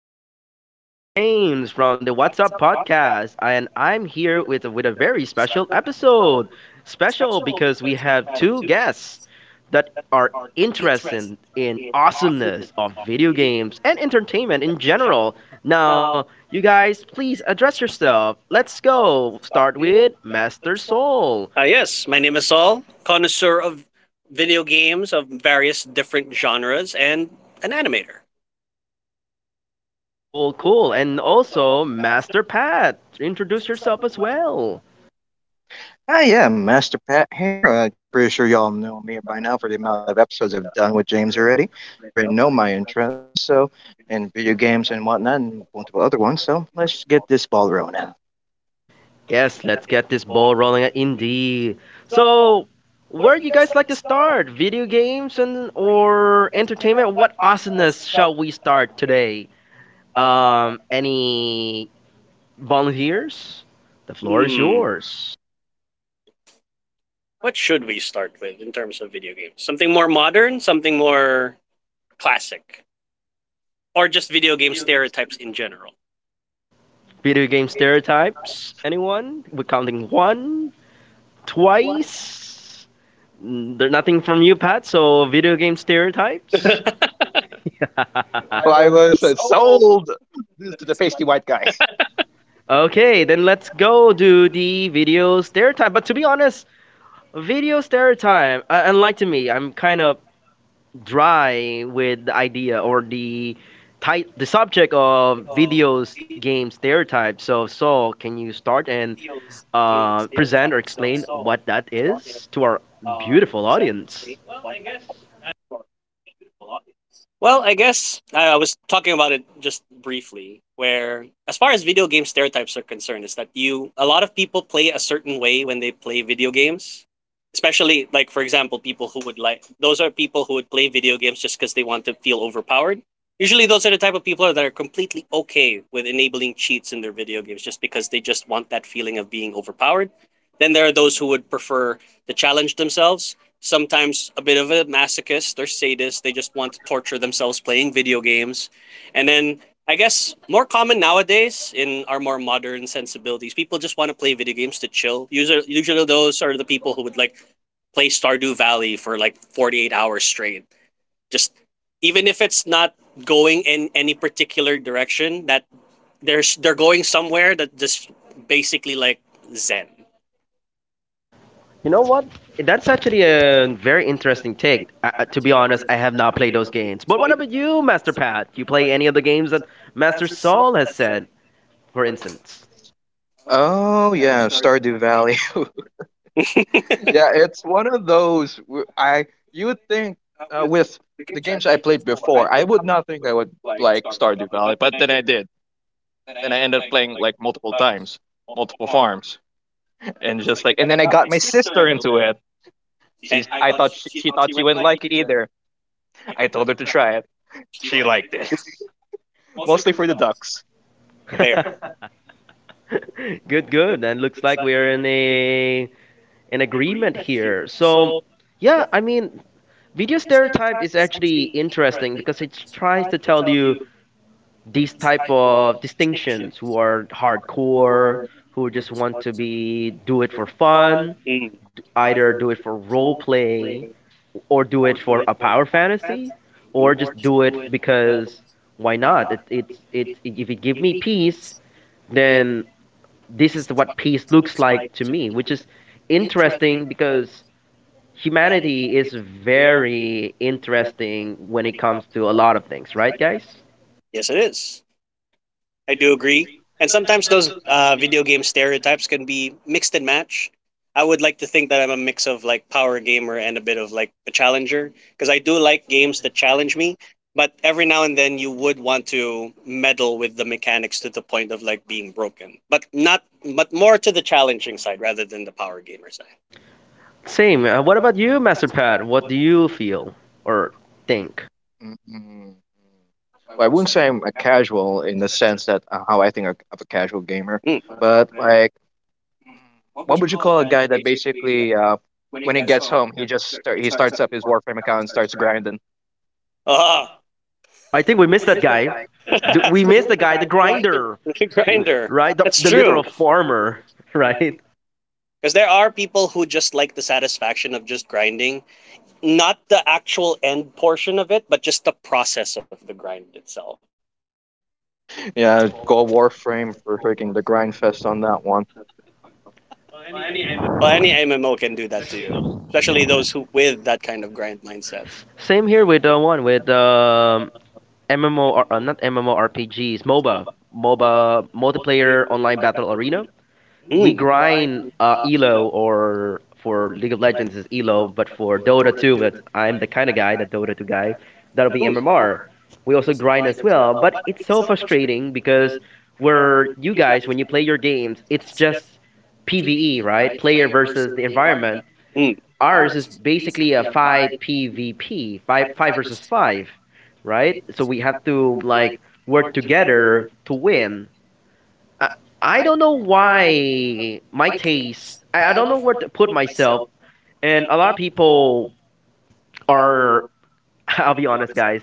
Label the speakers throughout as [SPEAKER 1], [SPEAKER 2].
[SPEAKER 1] me again, James from the What's Up podcast, and I'm here with a very special episode. Special because we have two guests that are interested in awesomeness of video games and entertainment in general. Now, you guys, please address yourself. Let's go. Start with Master Soul.
[SPEAKER 2] Yes, my name is Saul, connoisseur of video games of various different genres and an animator.
[SPEAKER 1] Cool, cool, and also Master Pat. Introduce yourself as well.
[SPEAKER 3] Ah, yeah, Master Pat here. I'm pretty sure y'all know me by now for the amount of episodes I've done with James already. You already know my interests, so in video games and whatnot, and multiple other ones. So let's get this ball rolling.
[SPEAKER 1] Yes, let's get this ball rolling indeed. So, where do you guys like to start? Video games and or entertainment? What asanas shall we start today? Any volunteers? The floor is
[SPEAKER 2] Hmm.
[SPEAKER 1] yours.
[SPEAKER 2] What should we start with in terms of video games? Something more modern, something more classic, or just video game stereotypes in general?
[SPEAKER 1] Video game stereotypes? Anyone? We're counting one, twice. There's nothing from you, Pat. So, video game stereotypes.
[SPEAKER 3] I was sold to the pasty white guy.
[SPEAKER 1] Okay, then let's go do the video stereotype. But to be honest. Video stereotype. Unlike to me, I'm kind of dry with the idea or the type, the subject of videos game stereotypes. So, can you start and present or explain what that is to our beautiful audience?
[SPEAKER 2] Well, I guess I was talking about it just briefly, where as far as video game stereotypes are concerned, is that you a lot of people play a certain way when they play video games. Especially, like, for example, people who would like those are people who would play video games just because they want to feel overpowered. Usually, those are the type of people that are completely okay with enabling cheats in their video games just because they just want that feeling of being overpowered. Then there are those who would prefer to challenge themselves. Sometimes a bit of a masochist or sadist. They just want to torture themselves playing video games. And then I guess more common nowadays in our more modern sensibilities, people just want to play video games to chill. Usually, those are the people who would like play Stardew Valley for like 48 hours straight, just, even if it's not going in any particular direction, that there's they're going somewhere that just basically like zen.
[SPEAKER 1] You know what? That's actually a very interesting take. To be honest, I have not played those games. But what about you, Master Pat? Do you play any of the games that Master Saul has said, for instance?
[SPEAKER 3] Oh yeah, Stardew Valley. Yeah, it's one of those. W- I You would think with the games I played before, I would not think I would like Stardew Valley, but then I did. Then I ended up playing like multiple times, multiple farms, and just like, and then I got my sister into it. I thought she thought she wouldn't like it either. I told her to try it. She liked it, mostly for the ducks.
[SPEAKER 2] Fair.
[SPEAKER 1] Good, good. And looks like we're in a an agreement here. So, yeah, I mean, video stereotype is actually interesting because it tries to tell you these type of distinctions who are hardcore, who just want to be do it for fun, either do it for role play or do it for a power fantasy or just do it because why not? It's if it give me peace, then this is what peace looks like to me, which is interesting because humanity is very interesting when it comes to a lot of things, right, guys?
[SPEAKER 2] Yes, it is. I do agree. And sometimes those video game stereotypes can be mixed and match. I would like to think that I'm a mix of like power gamer and a bit of like a challenger because I do like games that challenge me. But every now and then you would want to meddle with the mechanics to the point of like being broken, but not, but more to the challenging side rather than the power gamer side.
[SPEAKER 1] Same. What about you, Master Pat? What do you feel or think?
[SPEAKER 3] Mm-mm. Well, I wouldn't say I'm a casual in the sense that how I think of a casual gamer,
[SPEAKER 2] Mm.
[SPEAKER 3] but like, mm, what would you call a guy that basically, when he gets home, he starts up his Warframe account and starts grinding?
[SPEAKER 2] Ah,
[SPEAKER 1] I think we missed that guy. We missed the guy, the grinder,
[SPEAKER 2] grinder.
[SPEAKER 1] right?
[SPEAKER 2] That's
[SPEAKER 1] The
[SPEAKER 2] true.
[SPEAKER 1] literal farmer, right?
[SPEAKER 2] Because there are people who just like the satisfaction of just grinding, not the actual end portion of it, but just the process of the grind itself.
[SPEAKER 3] Yeah, go Warframe for freaking the grind fest on that one.
[SPEAKER 2] Well, any MMO can do that to you, especially those who with that kind of grind mindset.
[SPEAKER 1] Same here with the one with MMO, not MMORPGs, MOBA, multiplayer online battle arena. We
[SPEAKER 2] Mm,
[SPEAKER 1] grind Elo, or for League of Legends is Elo, but for Dota 2, that I'm the kind of guy, the Dota 2 guy, that'll be
[SPEAKER 2] mm,
[SPEAKER 1] MMR. We also grind as well, but it's so frustrating because where you guys, when you play your games, it's just PVE, right? Player versus the environment.
[SPEAKER 2] mm,
[SPEAKER 1] Ours is basically a 5 PvP, 5, five versus 5, right? So we have to like work together to win. I, I don't know why my taste. I don't know where to put myself. And a lot of people are. I'll be honest, guys.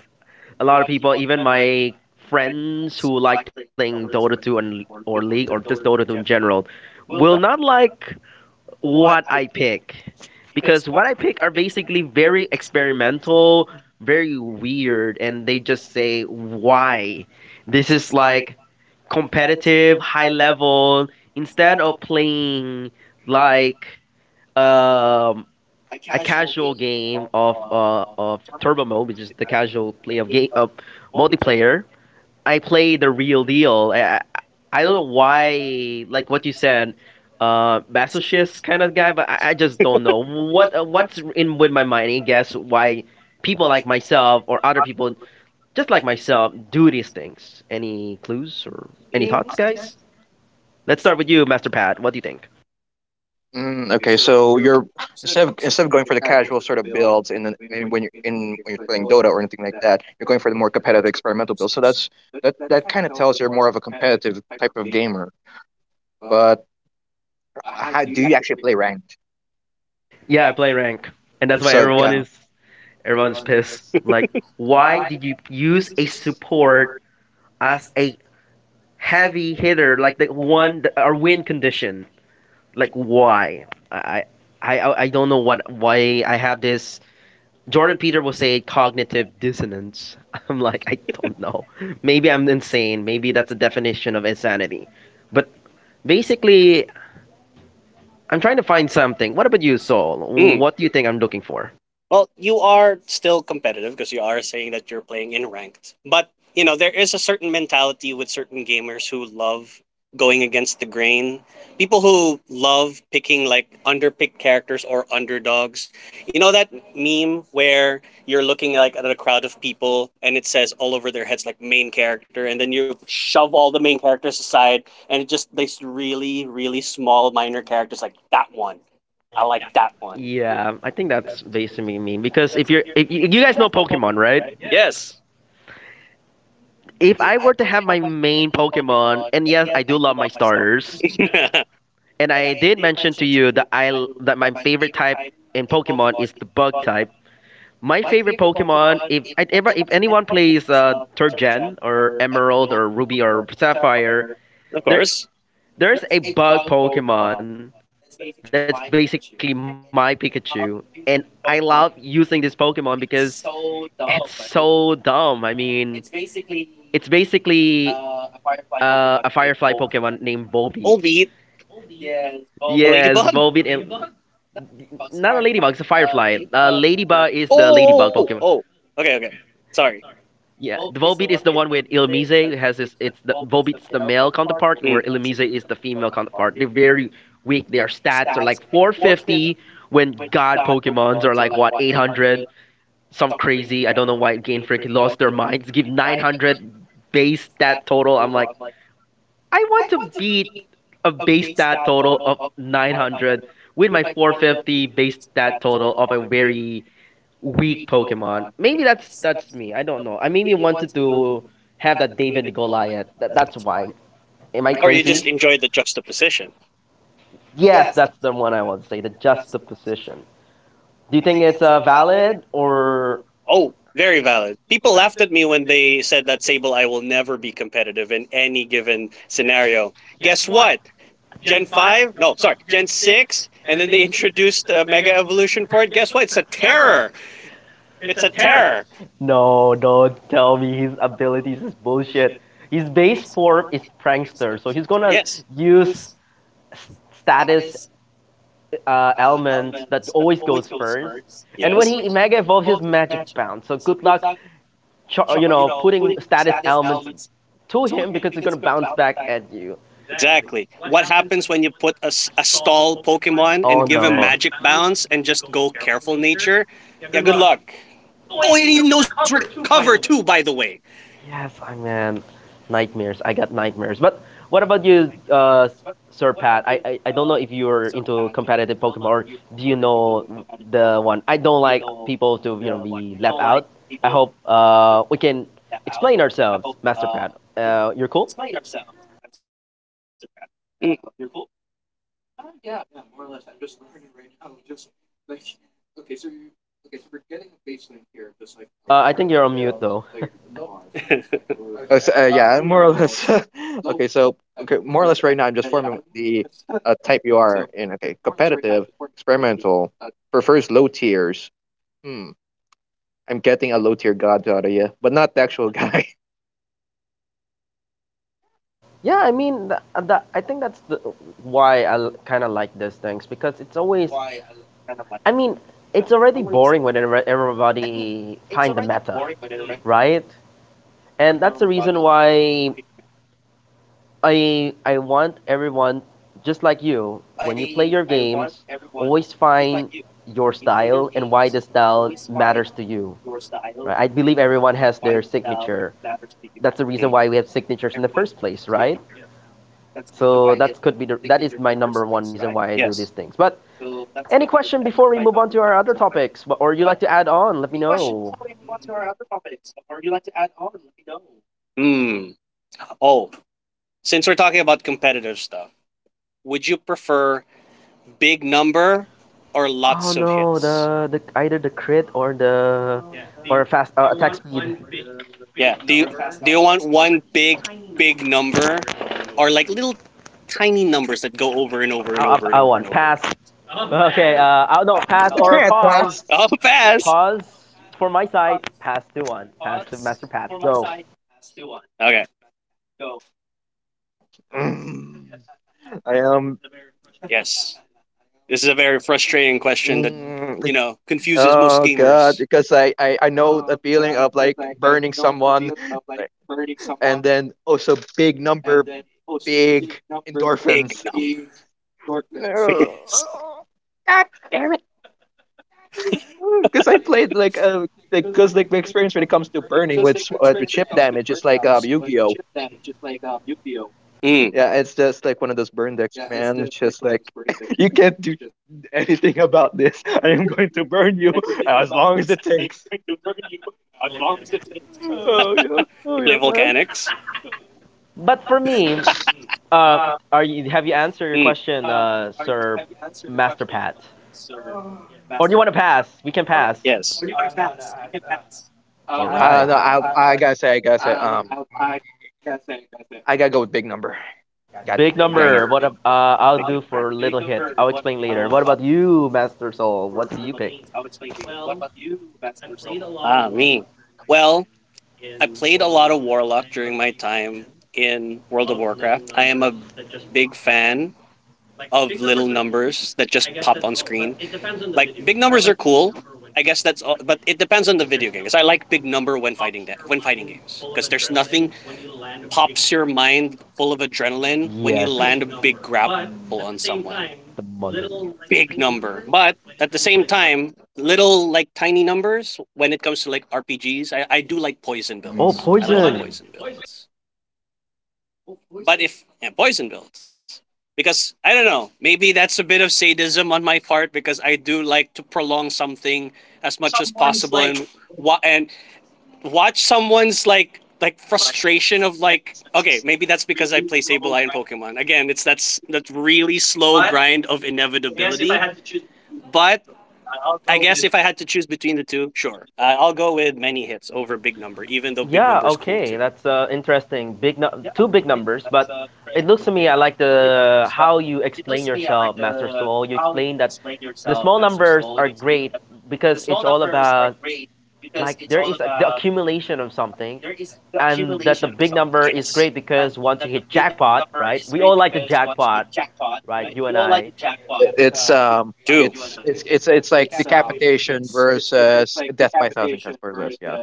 [SPEAKER 1] A lot of people, even my friends who like playing Dota 2 and or League or just Dota 2 in general, will not like what I pick because what I pick are basically very experimental, very weird, and they just say why. This is like competitive, high level, instead of playing like um, a casual game of turbo mode, which is the casual play of game of multiplayer, I play the real deal. I don't know why, like what you said, masochist kind of guy, but I just don't know what what's in with my mind. I guess why people like myself or other people just like myself, do these things. Any clues or any thoughts, guys? Let's start with you, Master Pat. What do you think?
[SPEAKER 3] Okay, so you're instead of going for the casual sort of builds in when you're in when you're playing Dota or anything like that, you're going for the more competitive experimental builds. So that kind of tells you're more of a competitive type of gamer. But how do you actually play ranked?
[SPEAKER 1] Yeah, I play rank, and that's why
[SPEAKER 3] So
[SPEAKER 1] everyone
[SPEAKER 3] yeah,
[SPEAKER 1] is everyone's pissed. Like, why did you use a support as a heavy hitter, like the one that our win condition? Like, why? I I don't know what why I have this Jordan Peter will say cognitive dissonance. I'm like, I don't know. Maybe I'm insane. Maybe that's a definition of insanity. But basically, I'm trying to find something. What about you, Soul?
[SPEAKER 2] mm.
[SPEAKER 1] What do you think I'm looking for?
[SPEAKER 2] Well, you are still competitive because you are saying that you're playing in ranked. But, you know, there is a certain mentality with certain gamers who love going against the grain. People who love picking like underpicked characters or underdogs. You know that meme where you're looking like at a crowd of people and it says all over their heads like main character and then you shove all the main characters aside and it just these really really small minor characters like that one. I like that one.
[SPEAKER 1] Yeah, I think that's basically me because if you're if you, you guys know Pokemon, right?
[SPEAKER 2] Yes.
[SPEAKER 1] If I were to have my main Pokemon, and yes, I do love my starters, and I did mention to you that my favorite type in Pokemon is the bug type. My favorite Pokemon, if I- if anyone plays third gen or Emerald or Ruby or Sapphire,
[SPEAKER 2] Of
[SPEAKER 1] there
[SPEAKER 2] course.
[SPEAKER 1] there's a bug Pokemon that's basically my Pikachu, and I love using this Pokemon because it's so dumb. I mean, it's basically a Firefly Pokemon named Volbeat.
[SPEAKER 2] Albeit
[SPEAKER 1] Yes, Volbeat and
[SPEAKER 2] ladybug.
[SPEAKER 1] not a ladybug, it's a firefly. Ladybug is the ladybug Pokemon.
[SPEAKER 2] Oh. Okay, okay. Sorry.
[SPEAKER 1] Yeah, the Volbeat is the one with Ilmise. It has this. It's the Volbeat's the male counterpart, where Ilmise is the female counterpart. They're very weak. Their stats are like 450 when God Pokemons are like what 800. Some crazy. I don't know why Game Freak lost their minds. Give 900 base stat total. I'm like, I want to beat a base stat total of 900 with my 450 base stat total of a very weak Pokemon. Maybe that's me. I don't know. I maybe wanted to have that David and Goliath. That's why. Am I crazy?
[SPEAKER 3] okay.
[SPEAKER 2] Enjoy the juxtaposition.
[SPEAKER 1] Yes, that's the one I want to say. The juxtaposition. Do you think it's valid or
[SPEAKER 2] Oh, very valid. People laughed at me when they said that Sable I will never be competitive in any given scenario. Guess what? Gen 5, no, sorry, Gen 6, and then they introduced Mega Evolution for it. Guess what? It's a terror. It's a terror.
[SPEAKER 1] no? Don't tell me his abilities is bullshit. His base form is prankster, so he's gonna
[SPEAKER 2] Yes.
[SPEAKER 1] use s- status elements that always goes first. And when
[SPEAKER 2] Yes.
[SPEAKER 1] he mega evolves, his magic bounce. So good luck you know putting status elements to him because it's gonna bounce back at you.
[SPEAKER 2] Exactly. What happens when you put a stall Pokemon
[SPEAKER 1] Oh,
[SPEAKER 2] and give him
[SPEAKER 1] no.
[SPEAKER 2] magic bounce and just go careful nature? Yeah, good luck. Oh, and he knows recover too, by the way.
[SPEAKER 1] Yes, I man, nightmares. I got nightmares. But what about you, Sir Pat? I don't know if you're into competitive Pokemon or do you know the one? I don't like people to you know be left out. I hope we can explain ourselves, Master Pat. You're cool. I think you're on mute though.
[SPEAKER 3] Yeah, more or less. okay, so okay, more or less right now, I'm just forming the type you are in. Okay, competitive, experimental, prefers low tiers. Hmm. I'm getting a low tier god out of you, but not the actual guy.
[SPEAKER 1] Yeah, I mean, I think why I kind of like these things because it's always, I mean, it's already boring when everybody find the meta, right? And that's the
[SPEAKER 2] Mm,
[SPEAKER 1] reason why I want everyone, just like you, when you play your games, always find your style and why the style matters to you, right? I believe everyone has their signature.
[SPEAKER 2] mm.
[SPEAKER 1] That's the reason why we have signatures in the first place, right? So that could be that is my number
[SPEAKER 2] Yes.
[SPEAKER 1] one reason why I do these things. But any question before we move on to our other topics, or you like to add on? Let me know.
[SPEAKER 2] Hmm. Oh, since we're talking about competitive stuff, would you prefer big number or lots
[SPEAKER 1] Oh
[SPEAKER 2] of
[SPEAKER 1] no,
[SPEAKER 2] hits?
[SPEAKER 1] the either the crit or the or fast do attack speed.
[SPEAKER 2] Yeah. Do you want one big number or like little tiny numbers that go over and over and over and over and
[SPEAKER 1] I,
[SPEAKER 2] over
[SPEAKER 1] I, I
[SPEAKER 2] again?
[SPEAKER 1] want pass. Okay, oh, no, pass
[SPEAKER 3] You
[SPEAKER 1] or
[SPEAKER 3] can't
[SPEAKER 1] pause.
[SPEAKER 2] Oh,
[SPEAKER 3] pass.
[SPEAKER 2] pass.
[SPEAKER 1] Pause for my side. Pass to one. Pass to Master Pat. Go.
[SPEAKER 2] Okay.
[SPEAKER 3] Mm. I am.
[SPEAKER 2] Yes. This is a very frustrating question that
[SPEAKER 3] Mm,
[SPEAKER 2] you
[SPEAKER 3] like,
[SPEAKER 2] know confuses most
[SPEAKER 3] oh god,
[SPEAKER 2] gamers.
[SPEAKER 3] because I I know the feeling of like burning someone, like, and then also big number, big endorphins.
[SPEAKER 2] Big number. Yes.
[SPEAKER 3] Because I played like a because like my experience when it comes to burning with chip damage, it's like Yu-Gi-Oh. Yeah, it's
[SPEAKER 2] Mm.
[SPEAKER 3] just like one of those burn decks, man. It's just like you can't do anything about this. I am going to burn you as long as it takes. Oh yeah, oh
[SPEAKER 2] You
[SPEAKER 3] yeah,
[SPEAKER 2] play
[SPEAKER 3] man.
[SPEAKER 2] volcanics.
[SPEAKER 1] But for me, uh, are you have you answered your question,
[SPEAKER 2] Mm.
[SPEAKER 1] Sir Master Pat? Or do you want to pass? We can pass.
[SPEAKER 2] Yes.
[SPEAKER 1] All right.
[SPEAKER 3] No, I
[SPEAKER 1] Right.
[SPEAKER 3] I
[SPEAKER 1] It.
[SPEAKER 3] gotta say, I gotta say, um, I gotta go with big number. God
[SPEAKER 1] Big
[SPEAKER 3] dang
[SPEAKER 1] number. What? I'll do for
[SPEAKER 2] Big
[SPEAKER 1] little
[SPEAKER 2] number.
[SPEAKER 1] hits. I'll explain later. What about you, Master Soul? What do you pick? Big,
[SPEAKER 2] Ah, me. Well, I played a lot of Warlock during my time in World of Warcraft. I am a big fan of little numbers that just pop on screen. Like big numbers are cool. I guess that's all, but it depends on the video game. Because I like big number when fighting games. Because there's nothing pops your mind full of adrenaline when you
[SPEAKER 1] Yes.
[SPEAKER 2] land a big grapple on someone.
[SPEAKER 1] The mother.
[SPEAKER 2] Big number. But at the same
[SPEAKER 1] Art.
[SPEAKER 2] time, little like tiny numbers when it comes to like RPGs. I do like poison
[SPEAKER 3] it.
[SPEAKER 1] Oh, but
[SPEAKER 2] builds. I love
[SPEAKER 1] poison.
[SPEAKER 3] Mhm.
[SPEAKER 2] poison builds. But if, yeah, poison builds. Because I don't know, maybe that's a bit of sadism on my part because I do like to prolong something as much as possible and and watch someone's like frustration of like okay, maybe that's because I play Sableye in Pokemon. Again, it's that's that really slow grind of inevitability. But I guess if I had to choose between the two, sure. I'll go with many hits over big number, even though big
[SPEAKER 1] Yeah.
[SPEAKER 2] number is cool
[SPEAKER 1] Okay.
[SPEAKER 2] too.
[SPEAKER 1] That's interesting. Two big numbers, but it looks to me I like the how you explain yourself, Master Soul. You explain that the small numbers are great because it's all about like there is the accumulation of something and that the big number is great because once you hit jackpot, right, we all like the jackpot, right, you and I.
[SPEAKER 2] You do,
[SPEAKER 3] It's like decapitation versus death by thousand cuts per list. Yeah.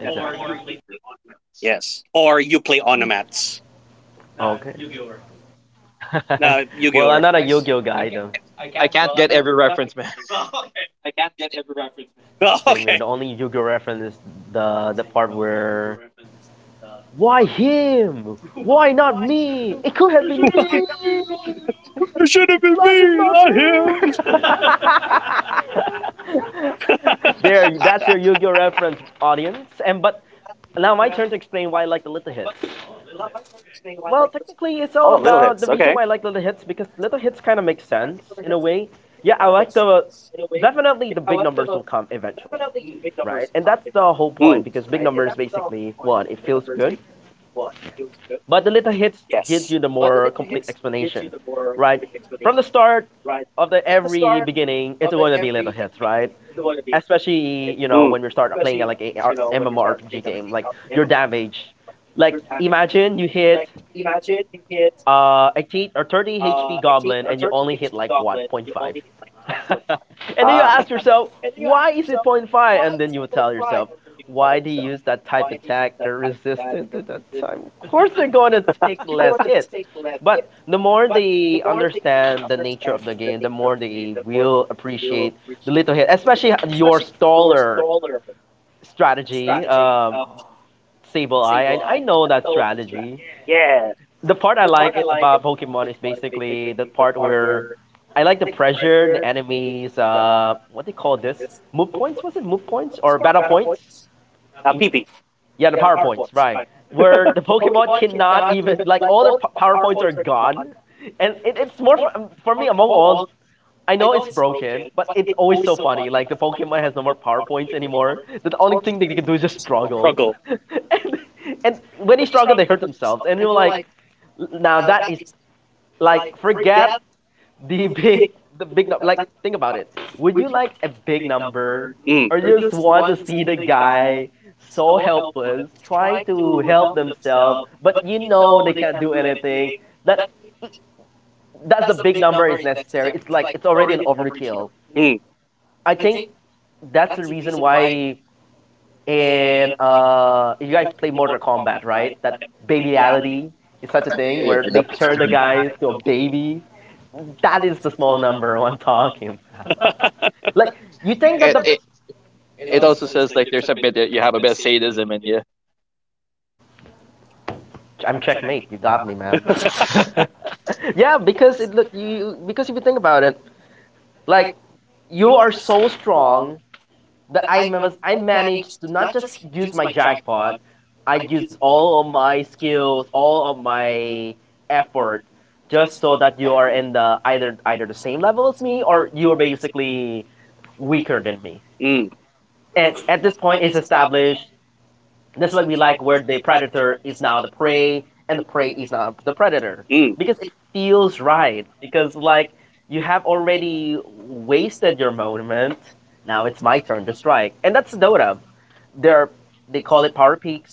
[SPEAKER 1] Exactly.
[SPEAKER 2] yes. Or you play
[SPEAKER 3] Mm.
[SPEAKER 2] onomats.
[SPEAKER 1] Okay.
[SPEAKER 2] No, Yu
[SPEAKER 1] Well,
[SPEAKER 2] Gi Oh
[SPEAKER 1] I'm not a
[SPEAKER 2] reference.
[SPEAKER 1] Yu-Gi-Oh guy
[SPEAKER 3] I
[SPEAKER 1] though.
[SPEAKER 3] can't I can't get every reference, man.
[SPEAKER 2] Oh, okay.
[SPEAKER 1] Same here, the only Yu-Gi-Oh reference is the part where why him, why not me, it could have been me.
[SPEAKER 2] It should have been
[SPEAKER 1] Life is
[SPEAKER 2] me,
[SPEAKER 1] not
[SPEAKER 2] not him.
[SPEAKER 1] fair. There, that's your Yu-Gi-Oh reference, audience. And but now my turn to explain why I like the little hits. Well,
[SPEAKER 2] Oh,
[SPEAKER 1] technically, it's
[SPEAKER 2] little
[SPEAKER 1] all
[SPEAKER 2] hits. Okay.
[SPEAKER 1] about the reason why I like little hits because little hits kind of make sense in a way. Yeah, I like the definitely the big numbers will come eventually, right? And that's the whole
[SPEAKER 2] Mm,
[SPEAKER 1] point because big numbers basically one, it feels good, but the little hits
[SPEAKER 2] yes.
[SPEAKER 1] gives you the more complete explanation, right? From the start of the every beginning, it's going to be little hits, right? Especially
[SPEAKER 2] Mm,
[SPEAKER 1] you know when we start playing like a MMORPG game, like your damage, like imagine you hit a or 30 HP goblin and you only hit like what point 0.5 and
[SPEAKER 2] ah,
[SPEAKER 1] then you ask yourself why is it point 0.5 and then you would tell yourself why do you use that type attack they're resistant to that type. Of course they're going to take less hits, but the more they understand the nature of the game, the more they will appreciate the little hit, especially your staller strategy. Sable Eye. I know that strategy.
[SPEAKER 2] yeah.
[SPEAKER 1] The part I about Pokemon is basically the part where I like the pressure, the enemies. What they call this? Move points? Was it move points or battle points?
[SPEAKER 2] Ah, pee pee.
[SPEAKER 1] Yeah, the PowerPoints, right. Where the Pokemon cannot even, like, all their PowerPoints are gone. And it's more, for me, among all, I know it's broken, but it's always so funny. Like, the Pokemon has no more PowerPoints anymore. The only thing they can do is just struggle.
[SPEAKER 2] Struggle.
[SPEAKER 1] and, and when they struggle, they hurt themselves. And you're like, now that is like forget the big the big number. Like think about it. Would you like a big number,
[SPEAKER 2] Mm,
[SPEAKER 1] or you just want to see the guy so helpless trying to help themselves, but you know they can't do anything? That that's the big number is necessary. It's like it's already an overkill.
[SPEAKER 2] mm,
[SPEAKER 1] I think that's the reason why in you guys play Mortal Kombat, right? That babyality is such a thing where they
[SPEAKER 3] Yep.
[SPEAKER 1] turn the guys to a baby. That is the small number I'm talking about. Like you think that
[SPEAKER 3] It,
[SPEAKER 1] the
[SPEAKER 3] it it also says like there's a bit that you have a bit of sadism in you.
[SPEAKER 1] I'm checkmate. You got me, man. yeah, because it look you because if you think about it, like you are so strong that I managed to not just use my jackpot, I use all of my skills, all of my effort, just so that you are in the either the same level as me or you are basically weaker than me.
[SPEAKER 2] mm,
[SPEAKER 1] And at this point, it's established. That's why we like where the predator is now the prey and the prey is now the predator
[SPEAKER 2] mm.
[SPEAKER 1] because it feels right. Because like you have already wasted your moment, now it's my turn to strike, and that's Dota. There, they call it power peaks.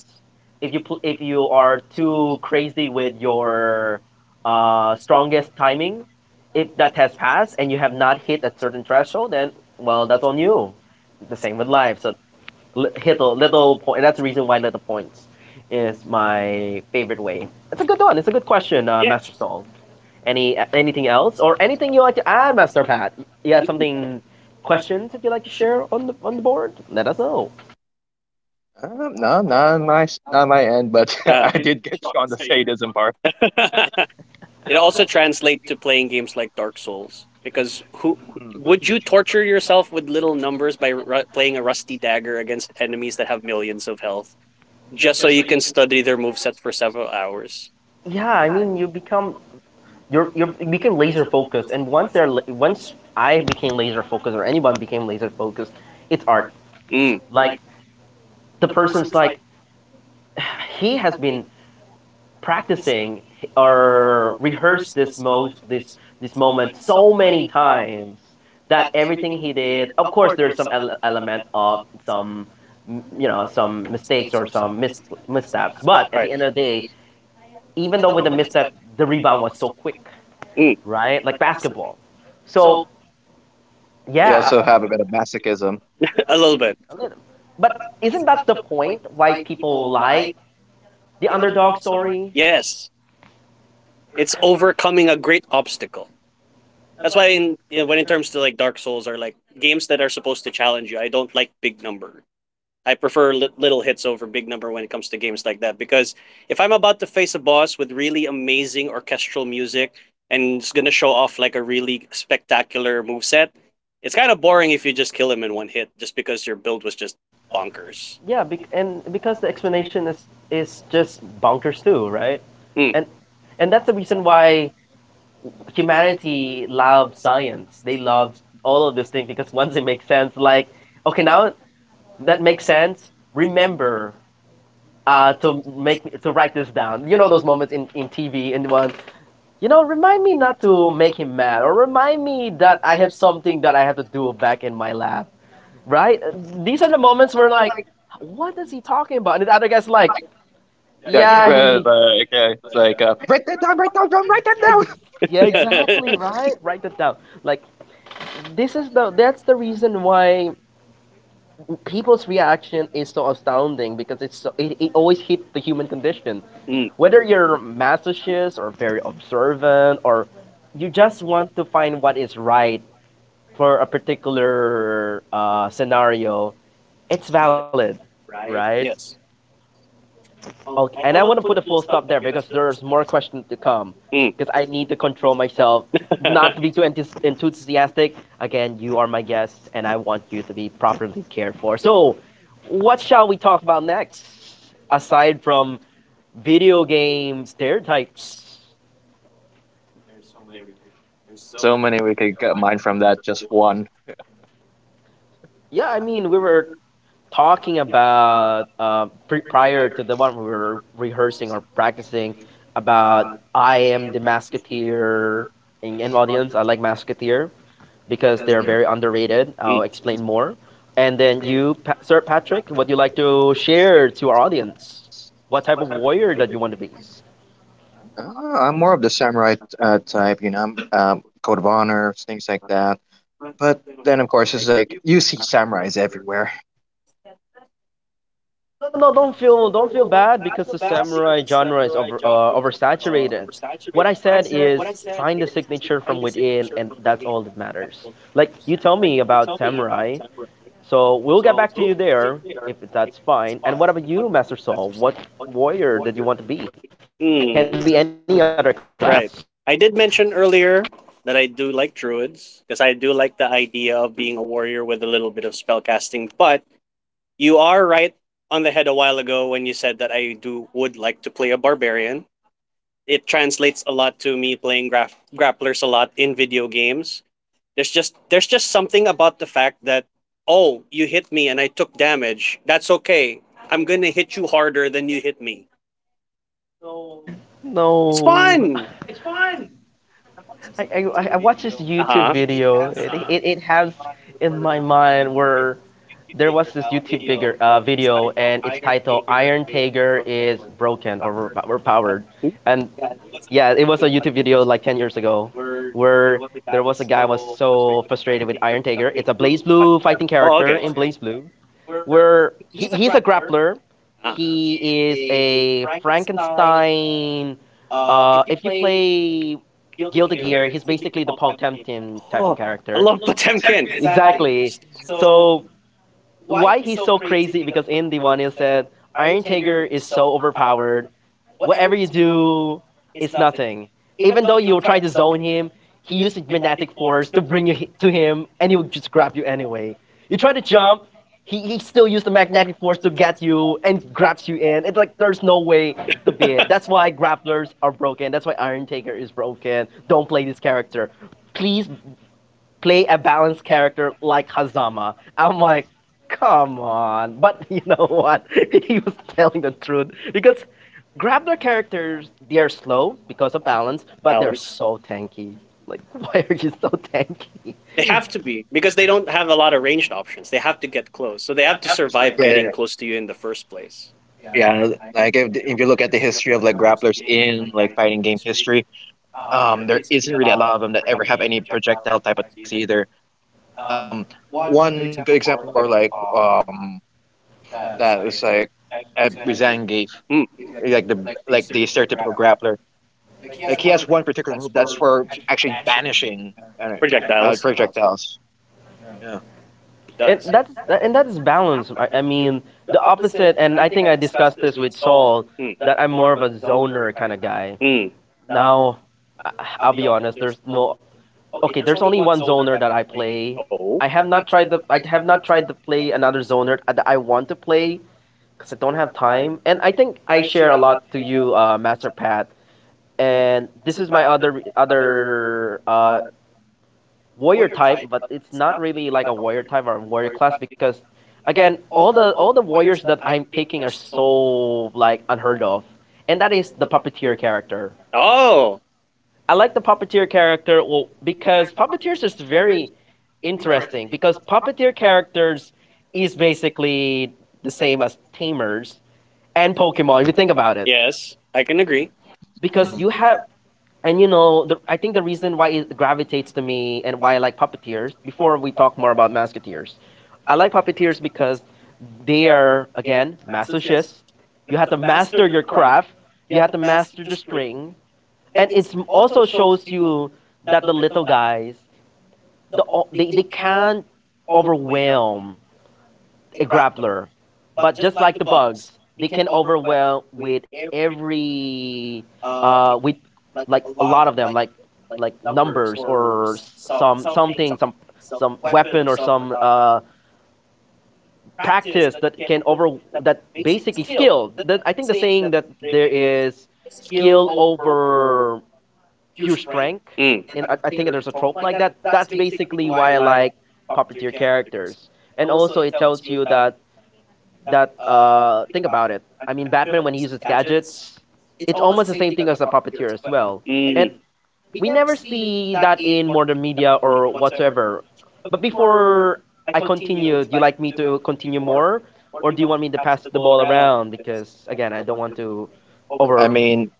[SPEAKER 1] If you are too crazy with your strongest timing, if that has passed and you have not hit a certain threshold, then well, that's on you. The same with life. So hit the little point. And that's the reason why little points is my favorite way. It's a good one. It's a good question, Master Salt. Anything else or anything you like to add, Master Pat? You have something questions if you like to share on the board? Let us know.
[SPEAKER 3] No, not on my not on my end, but
[SPEAKER 2] Uh.
[SPEAKER 3] I did get you on the sadism part.
[SPEAKER 2] It also translates to playing games like Dark Souls because who
[SPEAKER 3] Hmm.
[SPEAKER 2] would you torture yourself with little numbers by playing a rusty dagger against enemies that have millions of health just so you can study their movesets for several hours?
[SPEAKER 1] Yeah, I mean you become you become laser focused, and once I became laser focused or anyone became laser focused, it's art.
[SPEAKER 2] Mm,
[SPEAKER 1] Like the person's like he has been practicing or rehearsed this this moment so many times that everything he did, of course there's some element of some, you know, some mistakes or some missteps, but at the
[SPEAKER 2] right.
[SPEAKER 1] end of the day, even though with the misstep, the rebound was so quick,
[SPEAKER 2] Mm,
[SPEAKER 1] right? Like basketball. So
[SPEAKER 3] You also
[SPEAKER 1] yeah.
[SPEAKER 3] yeah, have a bit of masochism.
[SPEAKER 2] a little bit.
[SPEAKER 1] I but isn't that the point why people like the underdog story?
[SPEAKER 2] Yes, it's overcoming a great obstacle. That's why in you know, when it terms to like Dark Souls or like games that are supposed to challenge you, I don't like big numbers. I prefer little hits over big number when it comes to games like that because if I'm about to face a boss with really amazing orchestral music and it's gonna show off like a really spectacular moveset, it's kind of boring if you just kill him in one hit just because your build was just bonkers.
[SPEAKER 1] Yeah, because the explanation is just bonkers too, right?
[SPEAKER 2] Mm.
[SPEAKER 1] And that's the reason why humanity loves science. They love all of this thing because once it makes sense, like okay, now that makes sense. Remember, to write this down. You know those moments in TV and one. You know, remind me not to make him mad, or remind me that I have something that I have to do back in my lab, right? These are the moments where like, what is he talking about? And the other guy's like,
[SPEAKER 3] Like, yeah,
[SPEAKER 1] yeah,
[SPEAKER 3] I
[SPEAKER 1] he.
[SPEAKER 3] mean, like it's like write that down, write that down, write that
[SPEAKER 1] Ex-
[SPEAKER 3] down.
[SPEAKER 1] yeah, exactly, right? Write that down. Like, this is the. That's the reason why people's reaction is so astounding because it's so. It always hits the human condition.
[SPEAKER 2] Mm,
[SPEAKER 1] Whether you're masochist or very observant or you just want to find what is right for a particular scenario, it's valid, right?
[SPEAKER 2] yes.
[SPEAKER 1] Okay, and I want to put a full stop there because there's more questions to come.
[SPEAKER 2] Mm.
[SPEAKER 1] Because I need to control myself, not to be too enthusiastic. Again, you are my guest, and I want you to be properly cared for. So, what shall we talk about next? Aside from video game stereotypes.
[SPEAKER 3] There's so many we could get mine from that just one.
[SPEAKER 1] Yeah, I mean, we were talking about, prior to the one we were rehearsing or practicing about, I am the Masketeer. In audience, I like Masketeer because
[SPEAKER 3] Because
[SPEAKER 1] they're
[SPEAKER 3] they
[SPEAKER 1] very underrated.
[SPEAKER 2] Mm.
[SPEAKER 1] I'll explain more. And then you, Sir Patrick, would you like to share to our audience? What type of warrior that you want to be?
[SPEAKER 3] I'm more of the samurai type, you know, code of honor, things like that. But then, of course, it's like you see samurais everywhere.
[SPEAKER 1] No, no, no. Don't feel bad because the samurai genre is over, oversaturated. What I said is find the signature from within, and that's all that matters. Like you tell me about samurai, so we'll get back to you there if that's fine. And what about you, Master Saul? What warrior did you want to be? Can be any
[SPEAKER 2] Mm.
[SPEAKER 1] other class.
[SPEAKER 2] Right. I did mention earlier that I do like druids because I do like the idea of being a warrior with a little bit of spellcasting, but you are right on the head a while ago when you said that I do would like to play a barbarian. It translates a lot to me playing grapplers a lot in video games. There's just something about the fact that oh, you hit me and I took damage. That's okay. I'm going to hit you harder than you hit me. It's
[SPEAKER 1] No,
[SPEAKER 2] fun.
[SPEAKER 1] I, I watched this YouTube
[SPEAKER 2] Uh-huh.
[SPEAKER 1] video. It has in my mind where there was this YouTube bigger, video, and it's titled Iron Tiger is broken or overpowered.
[SPEAKER 2] Hmm?
[SPEAKER 1] And yeah, it was a YouTube video like 10 years ago where there was a guy was so frustrated with Iron Tiger. It's a Blaze Blue fighting
[SPEAKER 2] Oh,
[SPEAKER 1] character
[SPEAKER 2] okay.
[SPEAKER 1] in Blaze Blue where he's a grappler.
[SPEAKER 2] Ah.
[SPEAKER 1] He is a Frankenstein. If you play Guilty
[SPEAKER 3] Uh,
[SPEAKER 1] Gear, he's basically the Paul Temkin type of
[SPEAKER 2] Oh, I
[SPEAKER 1] character.
[SPEAKER 2] love Potemkin.
[SPEAKER 1] Exactly. So why he's so crazy because in the one it said Iron Tiger is so overpowered. Whatever you do, it's nothing. Even though you try to zone him, he uses magnetic force to bring you to him, and he will just grab you anyway. You try to jump, he still used the magnetic force to get you and grabs you in. It's like there's no way to beat it. That's why grapplers are broken. That's why Iron Taker is broken. Don't play this character. Please play a balanced character like Hazama. I'm like, come on. But you know what? he was telling the truth because Grabner characters, they are slow because of balance, but they're
[SPEAKER 2] Balance.
[SPEAKER 1] so tanky. Like, why are you so tanky?
[SPEAKER 2] They have to be because they don't have a lot of ranged options. They have to get close, so they have to survive
[SPEAKER 3] yeah,
[SPEAKER 2] getting
[SPEAKER 3] yeah,
[SPEAKER 2] close to you in the first place.
[SPEAKER 3] Yeah, like if you look at the history of like grapplers in like fighting game history, there isn't really a lot of them that ever have any projectile type attacks either. Um, one good example for like that was like at Byzangate,
[SPEAKER 2] Hmm.
[SPEAKER 3] like the stereotypical grappler, like he has one particular move that's for actually banishing uh,
[SPEAKER 2] Projectiles.
[SPEAKER 3] projectiles. Yeah,
[SPEAKER 2] He
[SPEAKER 1] And
[SPEAKER 2] does.
[SPEAKER 1] that is balance. I mean, the opposite. And I think I discussed this with Saul
[SPEAKER 2] Hmm.
[SPEAKER 1] that I'm more of a zoner kind of guy.
[SPEAKER 2] Mm.
[SPEAKER 1] Now, I- I'll be honest. There's no Okay, there's only one zoner that I play.
[SPEAKER 2] Oh.
[SPEAKER 1] I have not tried to play another zoner that I want to play because I don't have time. And I think I share a lot to you, Master Pat. And this is my other warrior type, but it's not really like a warrior type or a warrior class because, again, all the warriors that I'm picking are so like unheard of, and that is the puppeteer character.
[SPEAKER 2] Oh.
[SPEAKER 1] I like the puppeteer character well, because puppeteers is very interesting because puppeteer characters is basically the same as tamers and Pokemon if you think about it. Yeah.
[SPEAKER 2] Yes, I can agree.
[SPEAKER 1] Because
[SPEAKER 3] mhm.
[SPEAKER 1] you have and you know I think the reason why it gravitates to me and why I like puppeteers before we talk more about masketeers. I like puppeteers because they are again masochists. You have to master your craft. You have to master the string, and also shows you that the little guys they can't overwhelm a grappler, but just like the bugs they can overwhelm with every with like a lot of them, like numbers or some some weapon or some practice that can over that basically skill, that I think the saying that there is skill over pure strength.
[SPEAKER 2] Mm.
[SPEAKER 1] In I think there's a trope like that. That's basically why I like puppeteer characters. And also it tells you that think about it. I mean Batman when he uses gadgets, it's almost the same thing as a puppeteer as well. And
[SPEAKER 2] Mm.
[SPEAKER 1] we never see that in modern media or whatsoever. But before I continue, do you like me to continue more? Or do you want me to pass the ball around? Because again, I don't want to
[SPEAKER 3] I
[SPEAKER 1] over
[SPEAKER 3] mean,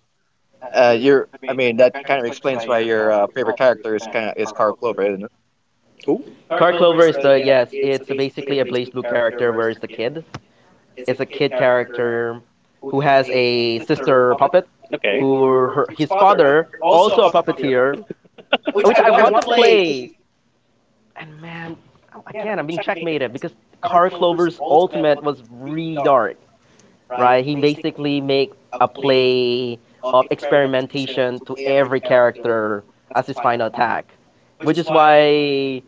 [SPEAKER 3] you're. I mean, that kind of explains why your favorite character is Carl Clover.
[SPEAKER 2] Ooh.
[SPEAKER 1] Car Clover is the yes, it's basically a Blaze Blue character where is the kid. Is a kid character who has a sister puppet,
[SPEAKER 2] Okay.
[SPEAKER 1] who his
[SPEAKER 2] His
[SPEAKER 1] father also a puppeteer, which I want to play. And man, again, I'm being checkmated because Car Clover's Ultimate was really dark, right? He basically make a play of experimentation to every character as his final attack, which is why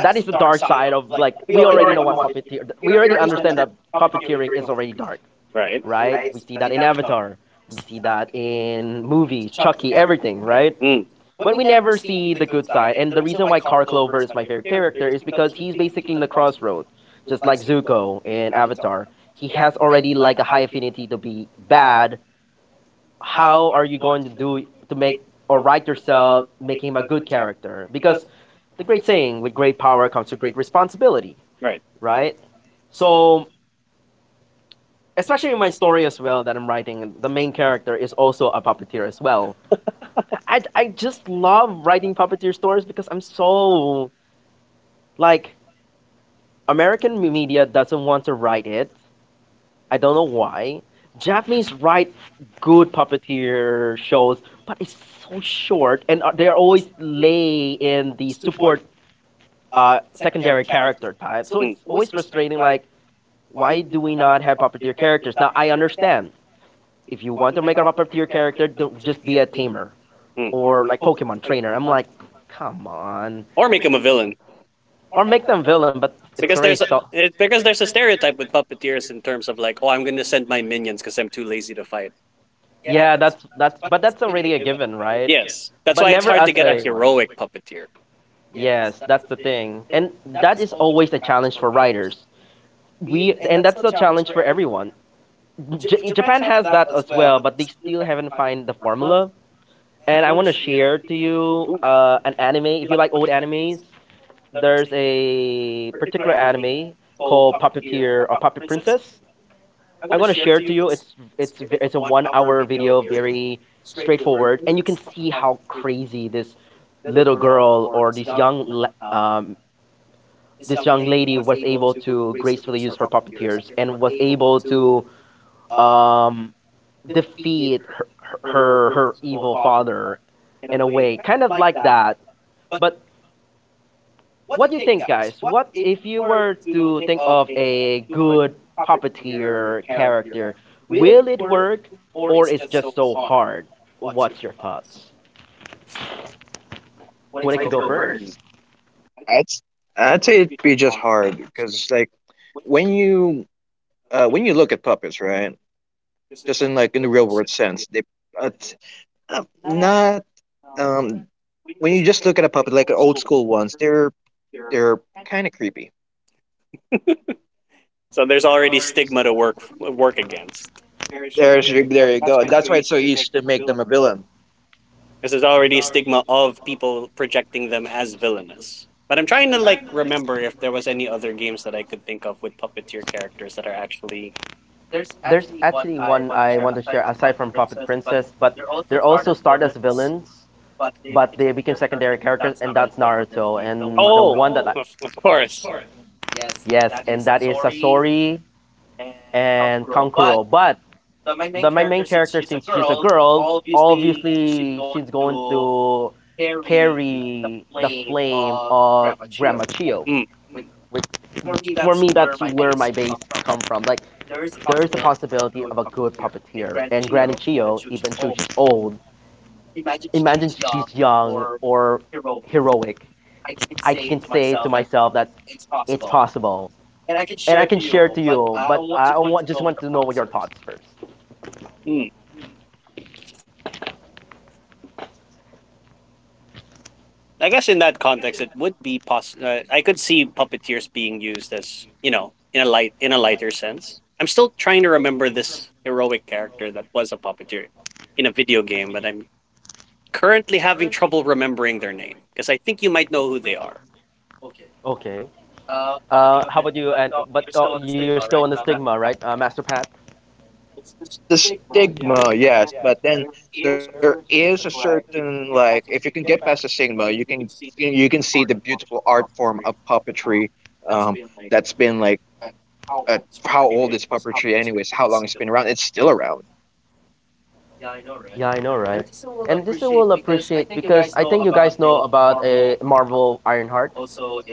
[SPEAKER 1] that is the dark side of like we already know what puppeteer. We already understand that puppeteering is already dark,
[SPEAKER 2] right.
[SPEAKER 1] right? We see that in Avatar. We see that in movies, Chucky, everything, right?
[SPEAKER 2] Mm,
[SPEAKER 1] But we never see the good side. And the reason why Carl Clover is my favorite character is because he's basically in the crossroads, just like Zuko in Avatar. He has already a high affinity to be bad. How are you going to do to make or write yourself making him a good character? Because the great saying, with great power comes to great responsibility,
[SPEAKER 2] right.
[SPEAKER 1] right? So especially in my story as well that I'm writing, the main character is also a puppeteer as well. I just love writing puppeteer stories because I'm so like American media doesn't want to write it. I don't know why. Japanese write good puppeteer shows, but it's so short, and they're always lay in the support secondary character type. So
[SPEAKER 2] Mm.
[SPEAKER 1] it's always frustrating. Like, why do we not have puppeteer characters? Now I understand if you want to make a mapper to your character, don't just be a tamer
[SPEAKER 2] Mm.
[SPEAKER 1] or like Pokemon trainer. I'm like, come on,
[SPEAKER 2] Or make him a villain.
[SPEAKER 1] or make them villain, but it's
[SPEAKER 2] Because
[SPEAKER 1] already so.
[SPEAKER 2] because there's a stereotype with puppeteers in terms of like, oh, I'm gonna send my minions because I'm too lazy to fight.
[SPEAKER 1] Yeah, that's already a given, right?
[SPEAKER 2] Yes, that's
[SPEAKER 1] But
[SPEAKER 2] why it's
[SPEAKER 1] never
[SPEAKER 2] hard to
[SPEAKER 1] as
[SPEAKER 2] get a
[SPEAKER 1] a one.
[SPEAKER 2] heroic puppeteer.
[SPEAKER 1] Yes, that's the thing. And that is always a challenge for writers. We and that's the challenge for everyone. Japan has that as well, but they still haven't find the formula. And I want to share to you an anime. If you like old animes, there's a particular anime called Puppeteer or Puppet Princess. I'm gonna share it to you. It's a 1 hour video, very straightforward, and you can see how crazy this little girl or this this young lady was able to gracefully use her puppeteers and was able to um, defeat her evil father in a way, kind of like that. But what do you think, guys? What if you were to think of a good puppeteer character? Will it work, or it's just so hard? What's your thoughts? Who likes to go first?
[SPEAKER 3] I'd s- I'd say it'd be just hard because like when you when you look at puppets, right? Just in like in the real world sense, they t- not um when you just look at a puppet like old school ones, they're kind of creepy.
[SPEAKER 2] So there's already stigma to work against.
[SPEAKER 3] There's your, there you go. That's why it's so easy to make them a villain.
[SPEAKER 2] Because there's already a stigma of people projecting them as villainous. But I'm trying to like remember if there was any other games that I could think of with puppeteer characters that are actually
[SPEAKER 1] There's actually one I want to share aside from Puppet Princess, but they're also starred as villains, but they became secondary characters, and that's Naruto. And the
[SPEAKER 2] Oh,
[SPEAKER 1] one that I,
[SPEAKER 2] of course.
[SPEAKER 1] yes, and that is Sasori and Kankuro. But the my main character, since she's a girl, obviously she's going to carry the flame of Grandma Chio.
[SPEAKER 2] Mm.
[SPEAKER 1] Which for me, that's where my base come from. Like there is a possibility of a good puppeteer, and Granny Chio, even though she's old, imagine she's young or heroic. I can say to myself that it's possible, and I can share to you. But just want to know your thoughts first.
[SPEAKER 2] I guess in that context, it would be possible. I could see puppeteers being used as you know in a lighter sense. I'm still trying to remember this heroic character that was a puppeteer in a video game, but I'm currently having trouble remembering their name because I think you might know who they are.
[SPEAKER 1] Okay. How about you? And but you're still on the stigma, right, Master Pat?
[SPEAKER 3] It's the stigma, yes, but then there is a certain like if you can get past the stigma, you can see the beautiful art form of puppetry um that's been like uh, how old is puppetry anyways, how long it's been around, it's still around.
[SPEAKER 1] Yeah, I know, right? And this you will appreciate because I think you guys know about a Marvel Ironheart,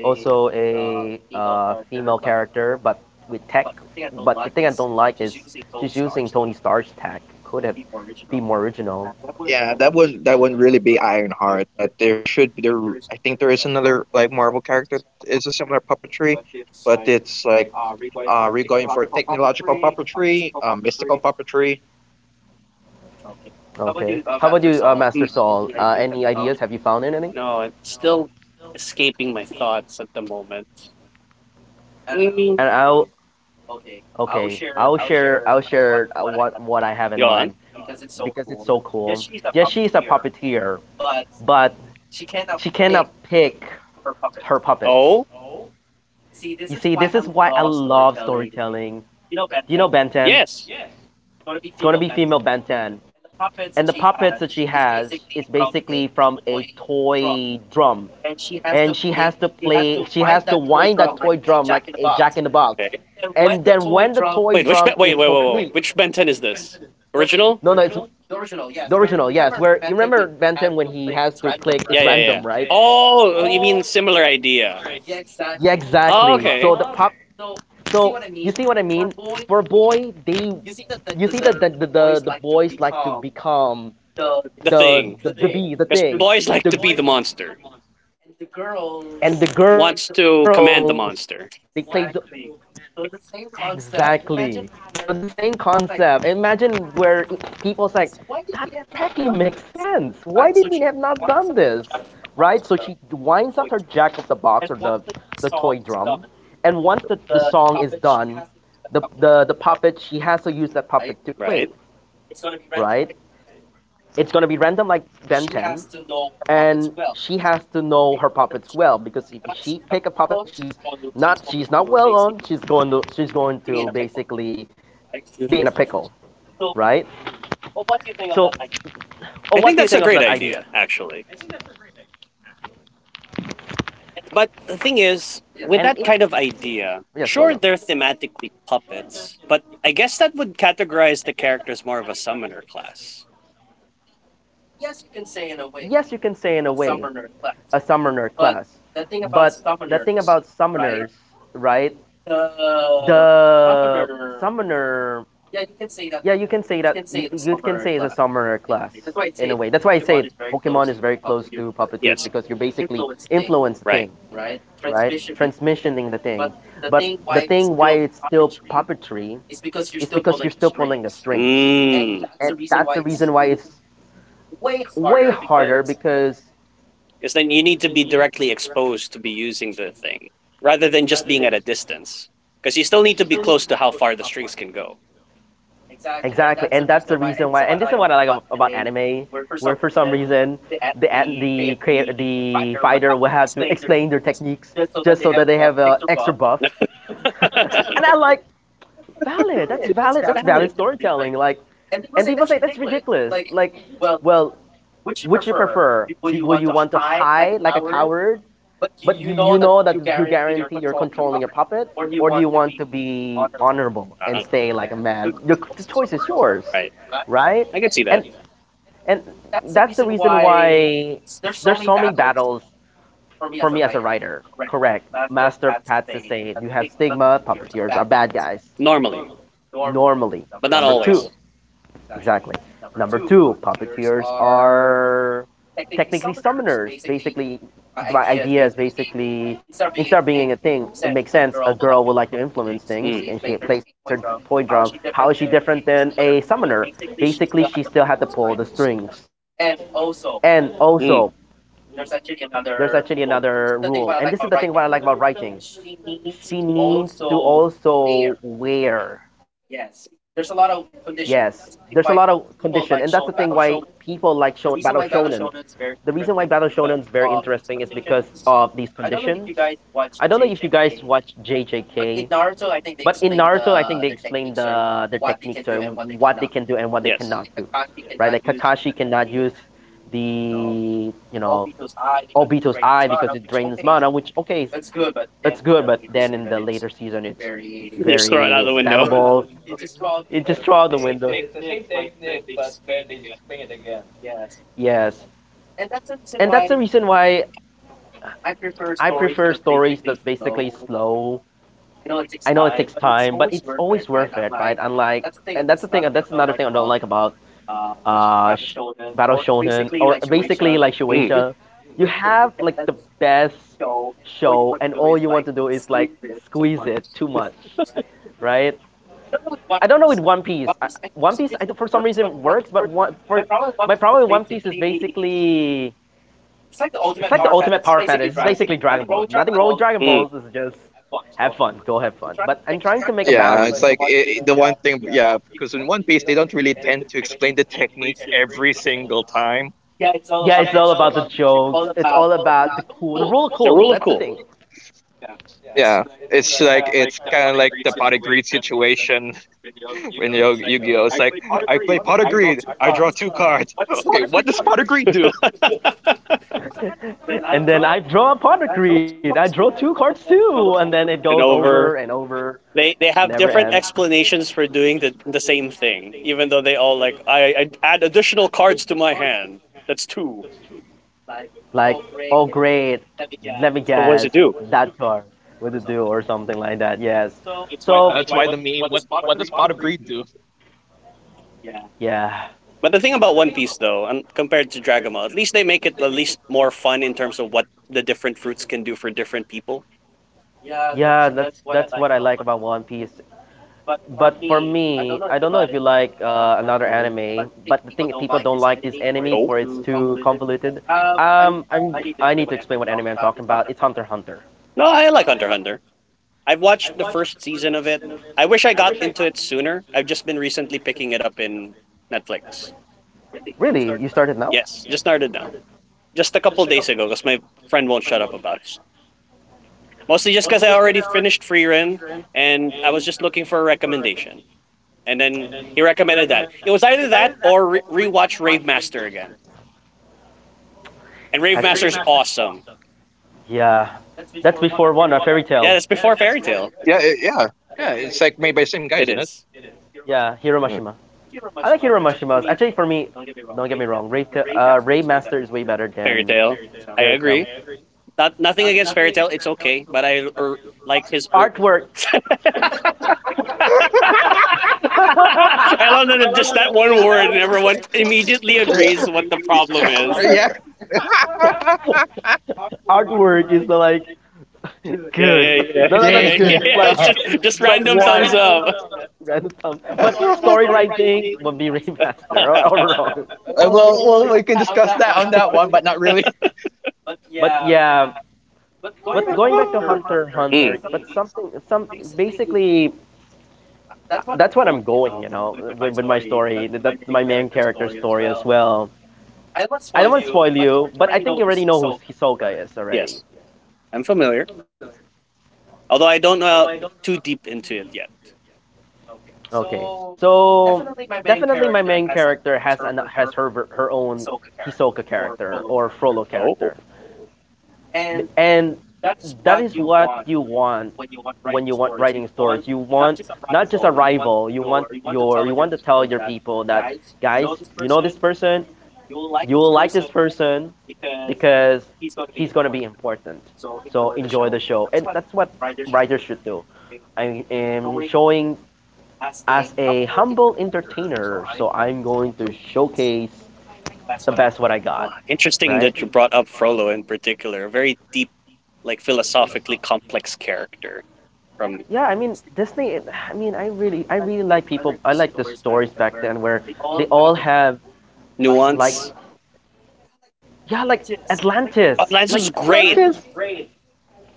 [SPEAKER 1] also a female character, but with tech. But the thing I don't like is she's using Tony Stark's tech. Could have be more original.
[SPEAKER 3] Yeah, that was, that wouldn't really be Ironheart, but there should be there. I think there is another like Marvel character that is a similar puppetry, but it's like we're going for technological puppetry, mystical puppetry.
[SPEAKER 1] Okay. How about you, Master Saul?
[SPEAKER 2] Mm.
[SPEAKER 1] Any ideas? Have you found anything?
[SPEAKER 2] No, I'm still escaping my thoughts at the moment. Mm,
[SPEAKER 1] And I'll Okay. I'll share what I have in
[SPEAKER 2] go
[SPEAKER 1] mind.
[SPEAKER 2] on.
[SPEAKER 1] Because it's so cool. Yes, she is a puppeteer, but she cannot pick her puppets.
[SPEAKER 2] Oh
[SPEAKER 1] You see, this is why I love storytelling. Do you know Ben 10?
[SPEAKER 2] yes.
[SPEAKER 1] It's going to be female Ben 10. And the puppets that she has is basically from a toy drum. And she has to wind that toy drum like a jack in the box.
[SPEAKER 2] Okay.
[SPEAKER 1] And then when the toy
[SPEAKER 2] Wait, which ben-
[SPEAKER 1] drum
[SPEAKER 2] wait,
[SPEAKER 1] is
[SPEAKER 2] wait, wait, wait,
[SPEAKER 1] complete,
[SPEAKER 2] which Ben 10 is this? Original?
[SPEAKER 1] no, no, it's
[SPEAKER 2] Yeah,
[SPEAKER 1] the original, yes. Where you remember Benton when he has to click, it's
[SPEAKER 2] Yeah, yeah, yeah.
[SPEAKER 1] random, right?
[SPEAKER 2] Oh, you mean similar idea?
[SPEAKER 1] Yeah,
[SPEAKER 2] Oh,
[SPEAKER 1] exactly.
[SPEAKER 2] okay.
[SPEAKER 1] So the pop. So you see what I mean? For a boy, you see that the boys like to become
[SPEAKER 2] The thing.
[SPEAKER 1] the
[SPEAKER 2] Because
[SPEAKER 1] thing.
[SPEAKER 2] boys like to
[SPEAKER 1] The,
[SPEAKER 2] be the monster.
[SPEAKER 1] and the
[SPEAKER 2] Wants
[SPEAKER 1] girls
[SPEAKER 2] to command the
[SPEAKER 1] they play the
[SPEAKER 2] monster,
[SPEAKER 1] exactly. So it's the same concept. Imagine where i- people's like that technically makes sense. Why did we have not done this? Right? So she winds up her jack of the box or the toy drum, and once the song is done, the puppet she has to use that puppet to play.
[SPEAKER 2] right?
[SPEAKER 1] Right? It's gonna be random like Ben 10, and she has to know her puppets well because if she pick a puppet that she's not well on she's going to basically be in a pickle, right? So, what do you think of
[SPEAKER 2] I
[SPEAKER 1] that
[SPEAKER 2] think that's a
[SPEAKER 1] idea?
[SPEAKER 2] great idea, actually. But the thing
[SPEAKER 1] and it,
[SPEAKER 2] is, with that kind of
[SPEAKER 1] yes, go on.
[SPEAKER 2] idea, sure, they're thematically puppets, but I guess that would categorize the characters more of a summoner class.
[SPEAKER 1] Yes, you can say in a way a summoner class, but the thing about summoners right the summoner yeah, you can say that. You can say it's a summoner class in a way. That's why I say Pokemon is very close to puppeteers because you're
[SPEAKER 2] Yes.
[SPEAKER 1] basically influencing the thing,
[SPEAKER 2] Right.
[SPEAKER 1] right? Transmissioning the thing. But the thing why it's still puppetry is because you're still pulling the strings,
[SPEAKER 2] Mm. Mm.
[SPEAKER 1] and that's the reason why it's way harder because
[SPEAKER 2] Because then you need to be directly exposed to be using the thing rather than just being at a distance. Because you still need to be close to how far the strings can go.
[SPEAKER 1] exactly, and that's the reason why. And this is what I like about anime, where for some reason the creator, the fighter will have to explain their techniques just so that they have a extra buff.
[SPEAKER 2] I
[SPEAKER 1] And I like valid. That's valid. That's valid
[SPEAKER 2] valid.
[SPEAKER 1] storytelling. Like, and people say that's ridiculous. Like, well, would you prefer? Would you want to hide like a coward but you know that you guarantee you're controlling your puppet, or do you want to be honorable and
[SPEAKER 2] Uh-huh.
[SPEAKER 1] stay like a man? The choice is yours, right?
[SPEAKER 2] I can see
[SPEAKER 1] And
[SPEAKER 2] that
[SPEAKER 1] and that's the reason why there's so many battles for me as a writer. Correct. Master Pat Sessay, you have stigma. Puppeteers are bad guys
[SPEAKER 2] normally,
[SPEAKER 1] normally.
[SPEAKER 2] but not
[SPEAKER 1] Number two,
[SPEAKER 2] always.
[SPEAKER 1] exactly. Number two, puppeteers are technically summoners. Basically, my idea is basically instead of being a thing, it makes sense. A girl would like to influence
[SPEAKER 2] Mm.
[SPEAKER 1] things, and she plays her toy drum. How is she different than a summoner? Basically, she still had to pull the strings. And
[SPEAKER 2] Mm,
[SPEAKER 1] also, there's actually another rule, and this is the thing what I like about writing. She needs to also wear yes, there's a lot of condition, and that's the thing why people like Battle Shonen. The reason why Battle Shonen is very interesting is because of these conditions. I don't know if you guys watch JJK, but in Naruto, I think they explain their techniques or what they can do and what they cannot do,
[SPEAKER 2] yes.
[SPEAKER 1] right? Like Kakashi cannot use the you know Obito's eye because it drains mana, which okay, it's good, but then in the later season, it's
[SPEAKER 2] Just throw it out
[SPEAKER 1] very
[SPEAKER 2] of the window.
[SPEAKER 1] spammable. It just threw out the window. Yes. And that's the reason why I prefer stories that's basically slow. I know it takes time, but it's always worth it, right? Unlike, and that's another thing I don't like about uh, Battle Shonen, or basically like
[SPEAKER 2] Mm.
[SPEAKER 1] Shueisha. You have like the best show, and all you want to do is like squeeze it too much, right? I don't know with One Piece. For some reason, works, but for my problem with One Piece is basically it's like the ultimate power fantasy. It's basically Dragon Balls. Nothing wrong with Dragon
[SPEAKER 2] Mm.
[SPEAKER 1] Balls. It's just have fun, go have fun. But I'm trying to make a
[SPEAKER 3] Yeah,
[SPEAKER 1] balance.
[SPEAKER 3] it's
[SPEAKER 1] Like,
[SPEAKER 3] like
[SPEAKER 1] the
[SPEAKER 3] the
[SPEAKER 1] one,
[SPEAKER 3] one thing,
[SPEAKER 1] yeah,
[SPEAKER 3] yeah,
[SPEAKER 1] 'cause
[SPEAKER 3] because in
[SPEAKER 1] One
[SPEAKER 3] One
[SPEAKER 1] Piece, they
[SPEAKER 3] Piece they
[SPEAKER 1] don't
[SPEAKER 3] don't
[SPEAKER 1] really
[SPEAKER 3] really
[SPEAKER 1] tend
[SPEAKER 3] tend
[SPEAKER 1] to
[SPEAKER 3] to
[SPEAKER 1] explain the
[SPEAKER 3] explain the
[SPEAKER 1] technique
[SPEAKER 3] technique
[SPEAKER 1] every
[SPEAKER 3] every
[SPEAKER 1] single
[SPEAKER 3] single
[SPEAKER 1] time.
[SPEAKER 3] time.
[SPEAKER 1] Yeah, it's all about the jokes. It's all about the cool, the rule of
[SPEAKER 2] The
[SPEAKER 1] cool.
[SPEAKER 2] rule of
[SPEAKER 1] That's the
[SPEAKER 2] cool.
[SPEAKER 1] thing.
[SPEAKER 3] Yeah, it's like it's kind of like the pot of greed situation in Yu-Gi-Oh. It's like I play pot of greed. I draw two cards. Okay, what does pot of greed do?
[SPEAKER 2] And
[SPEAKER 1] And then I draw a partner creed. I draw two cards too, and then it
[SPEAKER 2] and
[SPEAKER 1] goes
[SPEAKER 2] over.
[SPEAKER 1] over and over.
[SPEAKER 2] They have
[SPEAKER 1] Never
[SPEAKER 2] different
[SPEAKER 1] end. Ends.
[SPEAKER 2] explanations for doing the same thing, even though they all like I add additional cards to my hand. That's two.
[SPEAKER 1] Like, oh great, let me
[SPEAKER 2] But what does
[SPEAKER 1] guess,
[SPEAKER 2] it do?
[SPEAKER 1] that card what to do or something like that. Yes. So
[SPEAKER 3] That's why the meme. What does pot of greed do?
[SPEAKER 1] yeah,
[SPEAKER 2] But the thing about One Piece, though, compared to Dragon Ball, at least they make it at least more fun in terms of what the different fruits can do for different people.
[SPEAKER 1] yeah, that's what I like about One Piece. But for me, I don't know if you like another anime, but the thing people don't like this anime for it's
[SPEAKER 2] Nope.
[SPEAKER 1] too convoluted. I'm I need to explain what anime I'm talking about. It's Hunter x Hunter.
[SPEAKER 2] No, I like Hunter x Hunter. I've watched the first season of it. I wish I got into it sooner. I've just been recently picking it up in Netflix.
[SPEAKER 1] Really? You started now?
[SPEAKER 2] Yes, just started now. Just a couple days ago because my friend won't shut up about it. Mostly just because I already finished Free Ren and I was just looking for a recommendation, and then he recommended that. It was either that or rewatch Rave Master again. And Rave
[SPEAKER 1] Actually,
[SPEAKER 2] Master's
[SPEAKER 1] the
[SPEAKER 2] awesome.
[SPEAKER 1] yeah. That's before one or Fairy
[SPEAKER 2] Yeah,
[SPEAKER 1] Tale.
[SPEAKER 2] that's before Fairy Tale.
[SPEAKER 3] Yeah, yeah. It's like made by the same guy,
[SPEAKER 2] It
[SPEAKER 3] isn't it?
[SPEAKER 2] is
[SPEAKER 1] Yeah, Hiro Mashima. I like Hiro Mashima's. Actually, for me, don't get me wrong. Ray Master is way better
[SPEAKER 2] Fairy
[SPEAKER 1] than
[SPEAKER 2] Tale. I
[SPEAKER 1] Fairy Tale.
[SPEAKER 2] agree. Not nothing against Fairy Tale. It's okay, but I like his.
[SPEAKER 1] Artwork.
[SPEAKER 2] I love that just that one word, and everyone immediately
[SPEAKER 3] Yeah.
[SPEAKER 2] agrees what the problem is.
[SPEAKER 3] Yeah.
[SPEAKER 1] Artwork is like
[SPEAKER 2] Yeah,
[SPEAKER 1] good.
[SPEAKER 2] yeah,
[SPEAKER 1] Yeah,
[SPEAKER 2] yeah,
[SPEAKER 1] yeah,
[SPEAKER 2] yeah,
[SPEAKER 1] no, yeah,
[SPEAKER 2] yeah,
[SPEAKER 3] Jake.
[SPEAKER 1] not good.
[SPEAKER 2] yeah,
[SPEAKER 3] Story
[SPEAKER 1] Yeah, it's
[SPEAKER 2] yeah.
[SPEAKER 1] yeah, like
[SPEAKER 2] It's
[SPEAKER 1] yeah.
[SPEAKER 2] just just
[SPEAKER 1] It's like just
[SPEAKER 2] random
[SPEAKER 1] why
[SPEAKER 2] thumbs
[SPEAKER 1] random thumbs
[SPEAKER 2] up.
[SPEAKER 1] up. Random thumbs. But story writing will be remaster or overall.
[SPEAKER 3] Well, we can discuss that on that one, but not really.
[SPEAKER 1] But yeah, but going back to Hunter x
[SPEAKER 2] Mm.
[SPEAKER 1] Hunter, but something some basically that's what I'm going, you know, with my story. That's my main character story as well. I don't want to spoil you, but I think you already know who Hisoka is
[SPEAKER 2] Yes,
[SPEAKER 1] already.
[SPEAKER 2] I'm familiar. Although I don't know too deep into it yet.
[SPEAKER 1] Okay, so definitely my main character has her her own Hisoka character or Frollo
[SPEAKER 2] Oh,
[SPEAKER 1] character. And that is what you want when you want writing stories. You want not just a rival. You want you want to tell your people that, guys, you know this person, you will like this person because he's gonna be important. So enjoy the show, and that's what writers should do. I am showing as a humble entertainer, so I'm going to showcase the best what I
[SPEAKER 2] uh,
[SPEAKER 1] got,
[SPEAKER 2] interesting that
[SPEAKER 1] right?
[SPEAKER 2] you brought up Frollo in particular. A very deep, like philosophically complex character from
[SPEAKER 1] Yeah, I mean Disney. I mean, I really like people. I like the stories back then where they all have like,
[SPEAKER 2] Nuance.
[SPEAKER 1] yeah, like Atlantis,
[SPEAKER 2] Oh,
[SPEAKER 1] like
[SPEAKER 2] Lance was
[SPEAKER 1] Atlantis.
[SPEAKER 2] great.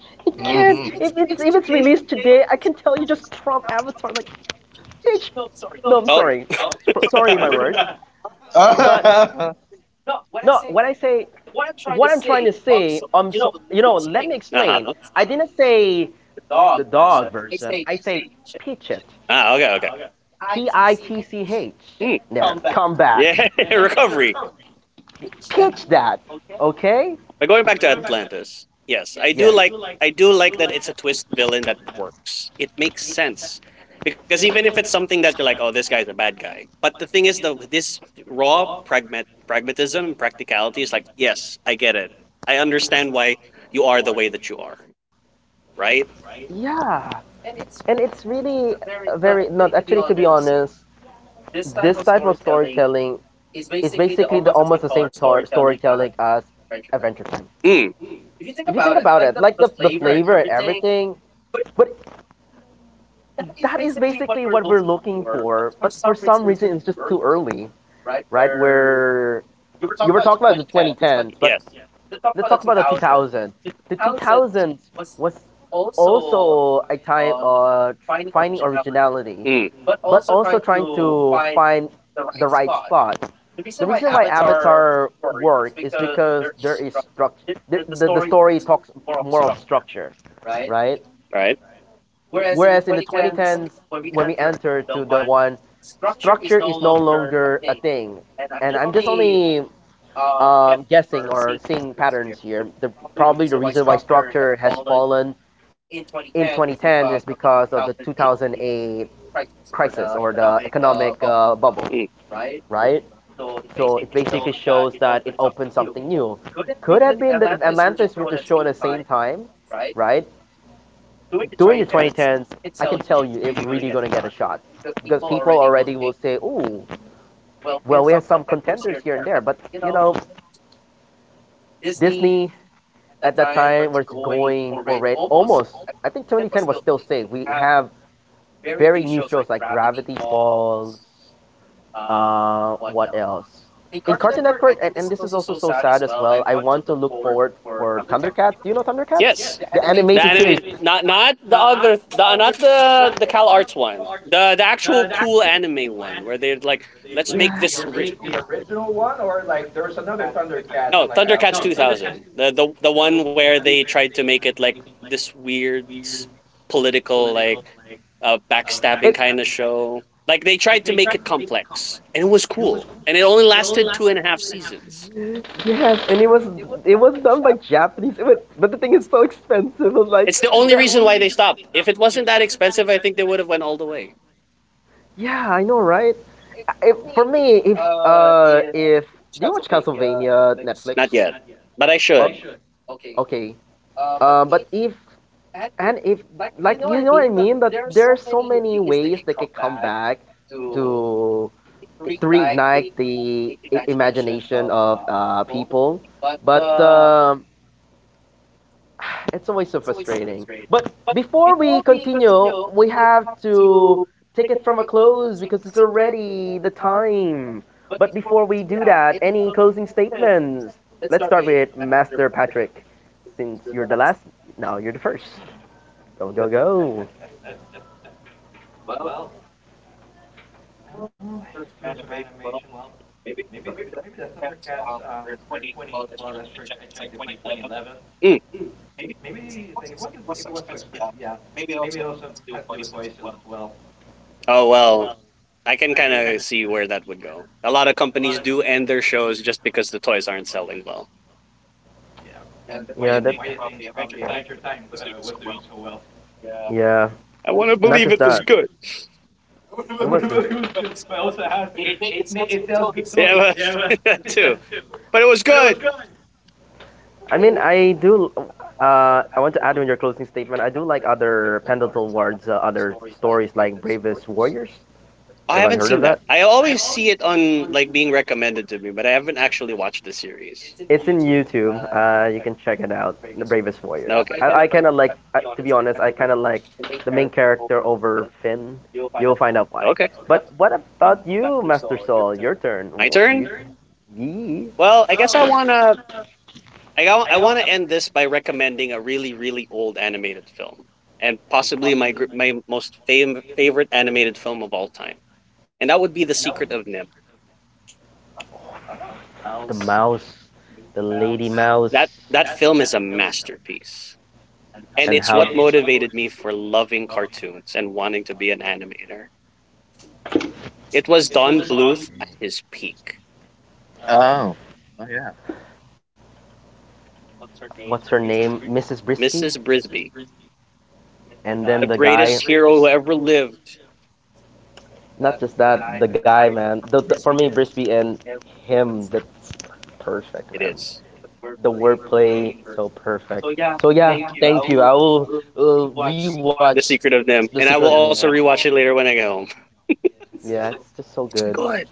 [SPEAKER 1] It can not
[SPEAKER 3] Mhm.
[SPEAKER 1] if it's if it's released today, I can tell you just Trump Avatar, like bitch. No, I'm
[SPEAKER 2] Oh,
[SPEAKER 1] sorry. Sorry, my
[SPEAKER 2] uh
[SPEAKER 1] words. But
[SPEAKER 3] Oh,
[SPEAKER 1] no, when I say what I'm trying to say, so you know, let me
[SPEAKER 2] huh.
[SPEAKER 1] explain. I didn't say the dog version. I say pitch it.
[SPEAKER 2] Ah, okay, okay.
[SPEAKER 1] PITCH.
[SPEAKER 2] Hmm.
[SPEAKER 1] There, come back.
[SPEAKER 2] Yeah, recovery.
[SPEAKER 1] Pitch that. Okay?
[SPEAKER 2] But going back to Atlantis, yes, I do
[SPEAKER 1] Yes.
[SPEAKER 2] like I do like that it's a twist
[SPEAKER 1] Like
[SPEAKER 2] villain that works. It makes sense. Because even if it's something that you're like, oh, this guy's a bad guy. But the thing is, though, this pragmatism, practicality is like, yes, I get it. I understand why you are the way that you are, right?
[SPEAKER 1] right. Yeah, and it's really very not actually, to be honest. This type of storytelling is basically the almost the same storytelling as Adventure Time.
[SPEAKER 2] Mm,
[SPEAKER 1] If you think about it, like the flavor and everything, but that is basically what we're looking for, but for some reason it's just too early, right? Where you were talking about the 2010s, but
[SPEAKER 2] yes.
[SPEAKER 1] let's talk about the 2000s. The 2000s was also a time of finding originality,
[SPEAKER 2] Mm,
[SPEAKER 1] but also trying to find the right spot. The reason why Avatar worked is because there is structure. The story talks more of structure, right?
[SPEAKER 2] right?
[SPEAKER 1] Whereas in the 2010s, when we enter to the one, structure is no longer a thing. And I'm just only guessing or seeing patterns here. Probably the reason why structure has fallen in 2010 is because of the 2008 crisis or the economic bubble,
[SPEAKER 2] Mm.
[SPEAKER 1] right? So it basically shows that it opened something new. Could have been that if Atlantis were to show at the same time, right, during the 2010s, I can tell you it's really gonna get a shot because people already will say, "Oh, well, we have some contenders here and there," but you know, Disney at that time was going already almost. I think 2010 was still safe. We have very new shows like Gravity Falls. What else? In Cartoon Network, and this is also so sad as well. I want to look forward for Thundercats. Do you know Thundercats?
[SPEAKER 2] Yes.
[SPEAKER 1] The
[SPEAKER 2] The
[SPEAKER 1] animated The
[SPEAKER 2] anime,
[SPEAKER 1] series.
[SPEAKER 2] not not the other, the not the Cal Arts one, the actual cool anime one where they're like,
[SPEAKER 1] Yeah.
[SPEAKER 2] let's make this no, Thundercats 2000. The one where they tried to make it like this political, like,
[SPEAKER 1] It
[SPEAKER 2] backstabbing kind of show. Like they tried to make it complex, and it was cool, and it only lasted two and a half seasons.
[SPEAKER 1] of show, yes, and it was done by Japanese. It was, but the thing is so expensive. I'm like,
[SPEAKER 2] It's the
[SPEAKER 1] the
[SPEAKER 2] only reason why they stopped. If it wasn't that expensive, I think they would have went all the way.
[SPEAKER 1] yeah, I know, right? If, for me, if do you watch Castlevania
[SPEAKER 2] Not
[SPEAKER 1] Netflix?
[SPEAKER 2] yet, but I
[SPEAKER 1] But
[SPEAKER 2] should.
[SPEAKER 1] okay. But if and if like you know what I mean that there are so many ways they could come back to to reignite the imagination of people. But it's always so frustrating. But before we continue, we have to take it from a close because it's already the time. But before we do that, any closing statements? Let's start with Master Patrick, since you're the last. Now you're the first. Go go go!
[SPEAKER 2] Mm. Oh well, I can kind of see where that would go. A lot of companies do end their shows just because the toys aren't selling well.
[SPEAKER 1] Yeah, that. Do, yeah,
[SPEAKER 2] I want to
[SPEAKER 1] not
[SPEAKER 2] believe
[SPEAKER 1] just
[SPEAKER 2] it
[SPEAKER 1] that.
[SPEAKER 2] was good.
[SPEAKER 1] It was good. It was
[SPEAKER 2] Yeah, but that too. But it was good.
[SPEAKER 1] I mean, I do. I want to add in your closing statement. I do like other Pendleton Ward's other stories, like Bravest Warriors.
[SPEAKER 2] I
[SPEAKER 1] Everyone
[SPEAKER 2] haven't
[SPEAKER 1] heard
[SPEAKER 2] seen
[SPEAKER 1] of
[SPEAKER 2] that.
[SPEAKER 1] that?
[SPEAKER 2] I always see it on like being recommended to me, but I haven't actually watched the series.
[SPEAKER 1] It's in YouTube. You can check it out. The Bravest
[SPEAKER 2] No,
[SPEAKER 1] Warriors.
[SPEAKER 2] okay.
[SPEAKER 1] I kind of like, to be honest, I kind of like the main character over Finn. You'll find out why.
[SPEAKER 2] Okay,
[SPEAKER 1] But what about you, Master Soul? Your turn.
[SPEAKER 2] my
[SPEAKER 1] What do
[SPEAKER 2] turn.
[SPEAKER 1] you? Yee.
[SPEAKER 2] Well, I guess I wanna I wanna end this by recommending a really really old animated film, and possibly my gr- my most fam- favorite animated film of all time, and that would be The Secret of Nim.
[SPEAKER 1] The mouse, the lady mouse,
[SPEAKER 2] That that film is a masterpiece. And it's
[SPEAKER 1] and
[SPEAKER 2] what
[SPEAKER 1] how
[SPEAKER 2] motivated me for loving cartoons and wanting to be an
[SPEAKER 1] actor.
[SPEAKER 2] animator. It was Don Bluth at his peak.
[SPEAKER 3] oh yeah.
[SPEAKER 1] What's her name, Mrs. Brisky,
[SPEAKER 2] Mrs. Brisby,
[SPEAKER 1] and
[SPEAKER 2] the
[SPEAKER 1] then the
[SPEAKER 2] greatest
[SPEAKER 1] guy.
[SPEAKER 2] hero
[SPEAKER 1] The
[SPEAKER 2] who ever lived.
[SPEAKER 1] Not just that, the guy, man. For me, Brisby and him, that's
[SPEAKER 2] It
[SPEAKER 1] perfect, man.
[SPEAKER 2] is.
[SPEAKER 1] The wordplay, so perfect. So yeah, thank you. I will
[SPEAKER 2] The
[SPEAKER 1] rewatch
[SPEAKER 2] Secret of Nim.
[SPEAKER 1] The
[SPEAKER 2] And
[SPEAKER 1] Secret
[SPEAKER 2] I
[SPEAKER 1] of
[SPEAKER 2] will
[SPEAKER 1] Nim.
[SPEAKER 2] also rewatch it later when I get home.
[SPEAKER 1] Yeah, it's just so
[SPEAKER 2] It's
[SPEAKER 1] good.
[SPEAKER 2] good.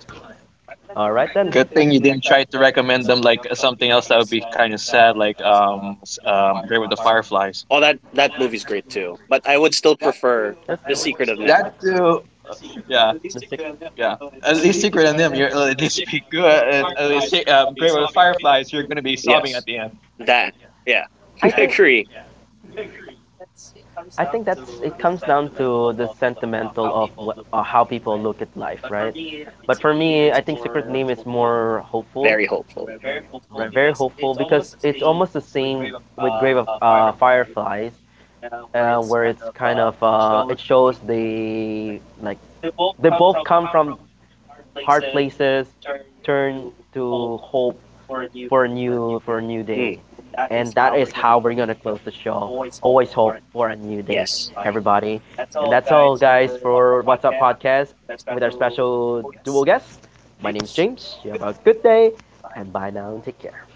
[SPEAKER 1] All right then.
[SPEAKER 3] Good thing you didn't try to recommend them like something else that would be kind of sad, like Grave with the Fireflies.
[SPEAKER 2] Oh, that, that movie's great too. But I would still
[SPEAKER 1] That's
[SPEAKER 2] prefer The
[SPEAKER 3] That
[SPEAKER 2] Secret of Nim.
[SPEAKER 3] too.
[SPEAKER 1] the six.
[SPEAKER 3] Yeah, yeah. At least Secret and them, you're at least be good. At least Grave with the Fireflies, you're gonna be sobbing
[SPEAKER 2] Yes.
[SPEAKER 3] at the end.
[SPEAKER 2] That.
[SPEAKER 1] I
[SPEAKER 2] Yeah.
[SPEAKER 1] think
[SPEAKER 2] agree.
[SPEAKER 1] I think that's it comes down to the sentimental of what, how people look at life, right? But for me, I think Secret Name is more hopeful,
[SPEAKER 2] Very hopeful.
[SPEAKER 1] right? Very hopeful because it's almost the same with Grave of Fireflies, where it's kind of it shows they like they both come from hard places, turn to hope for a new
[SPEAKER 2] Mm,
[SPEAKER 1] day. And that is how we're gonna close the show. Always hope for a new day,
[SPEAKER 2] yes.
[SPEAKER 1] everybody. And that's all guys for What's Up Podcast with our special dual guest. My name's James. You have a good day and bye now, take care.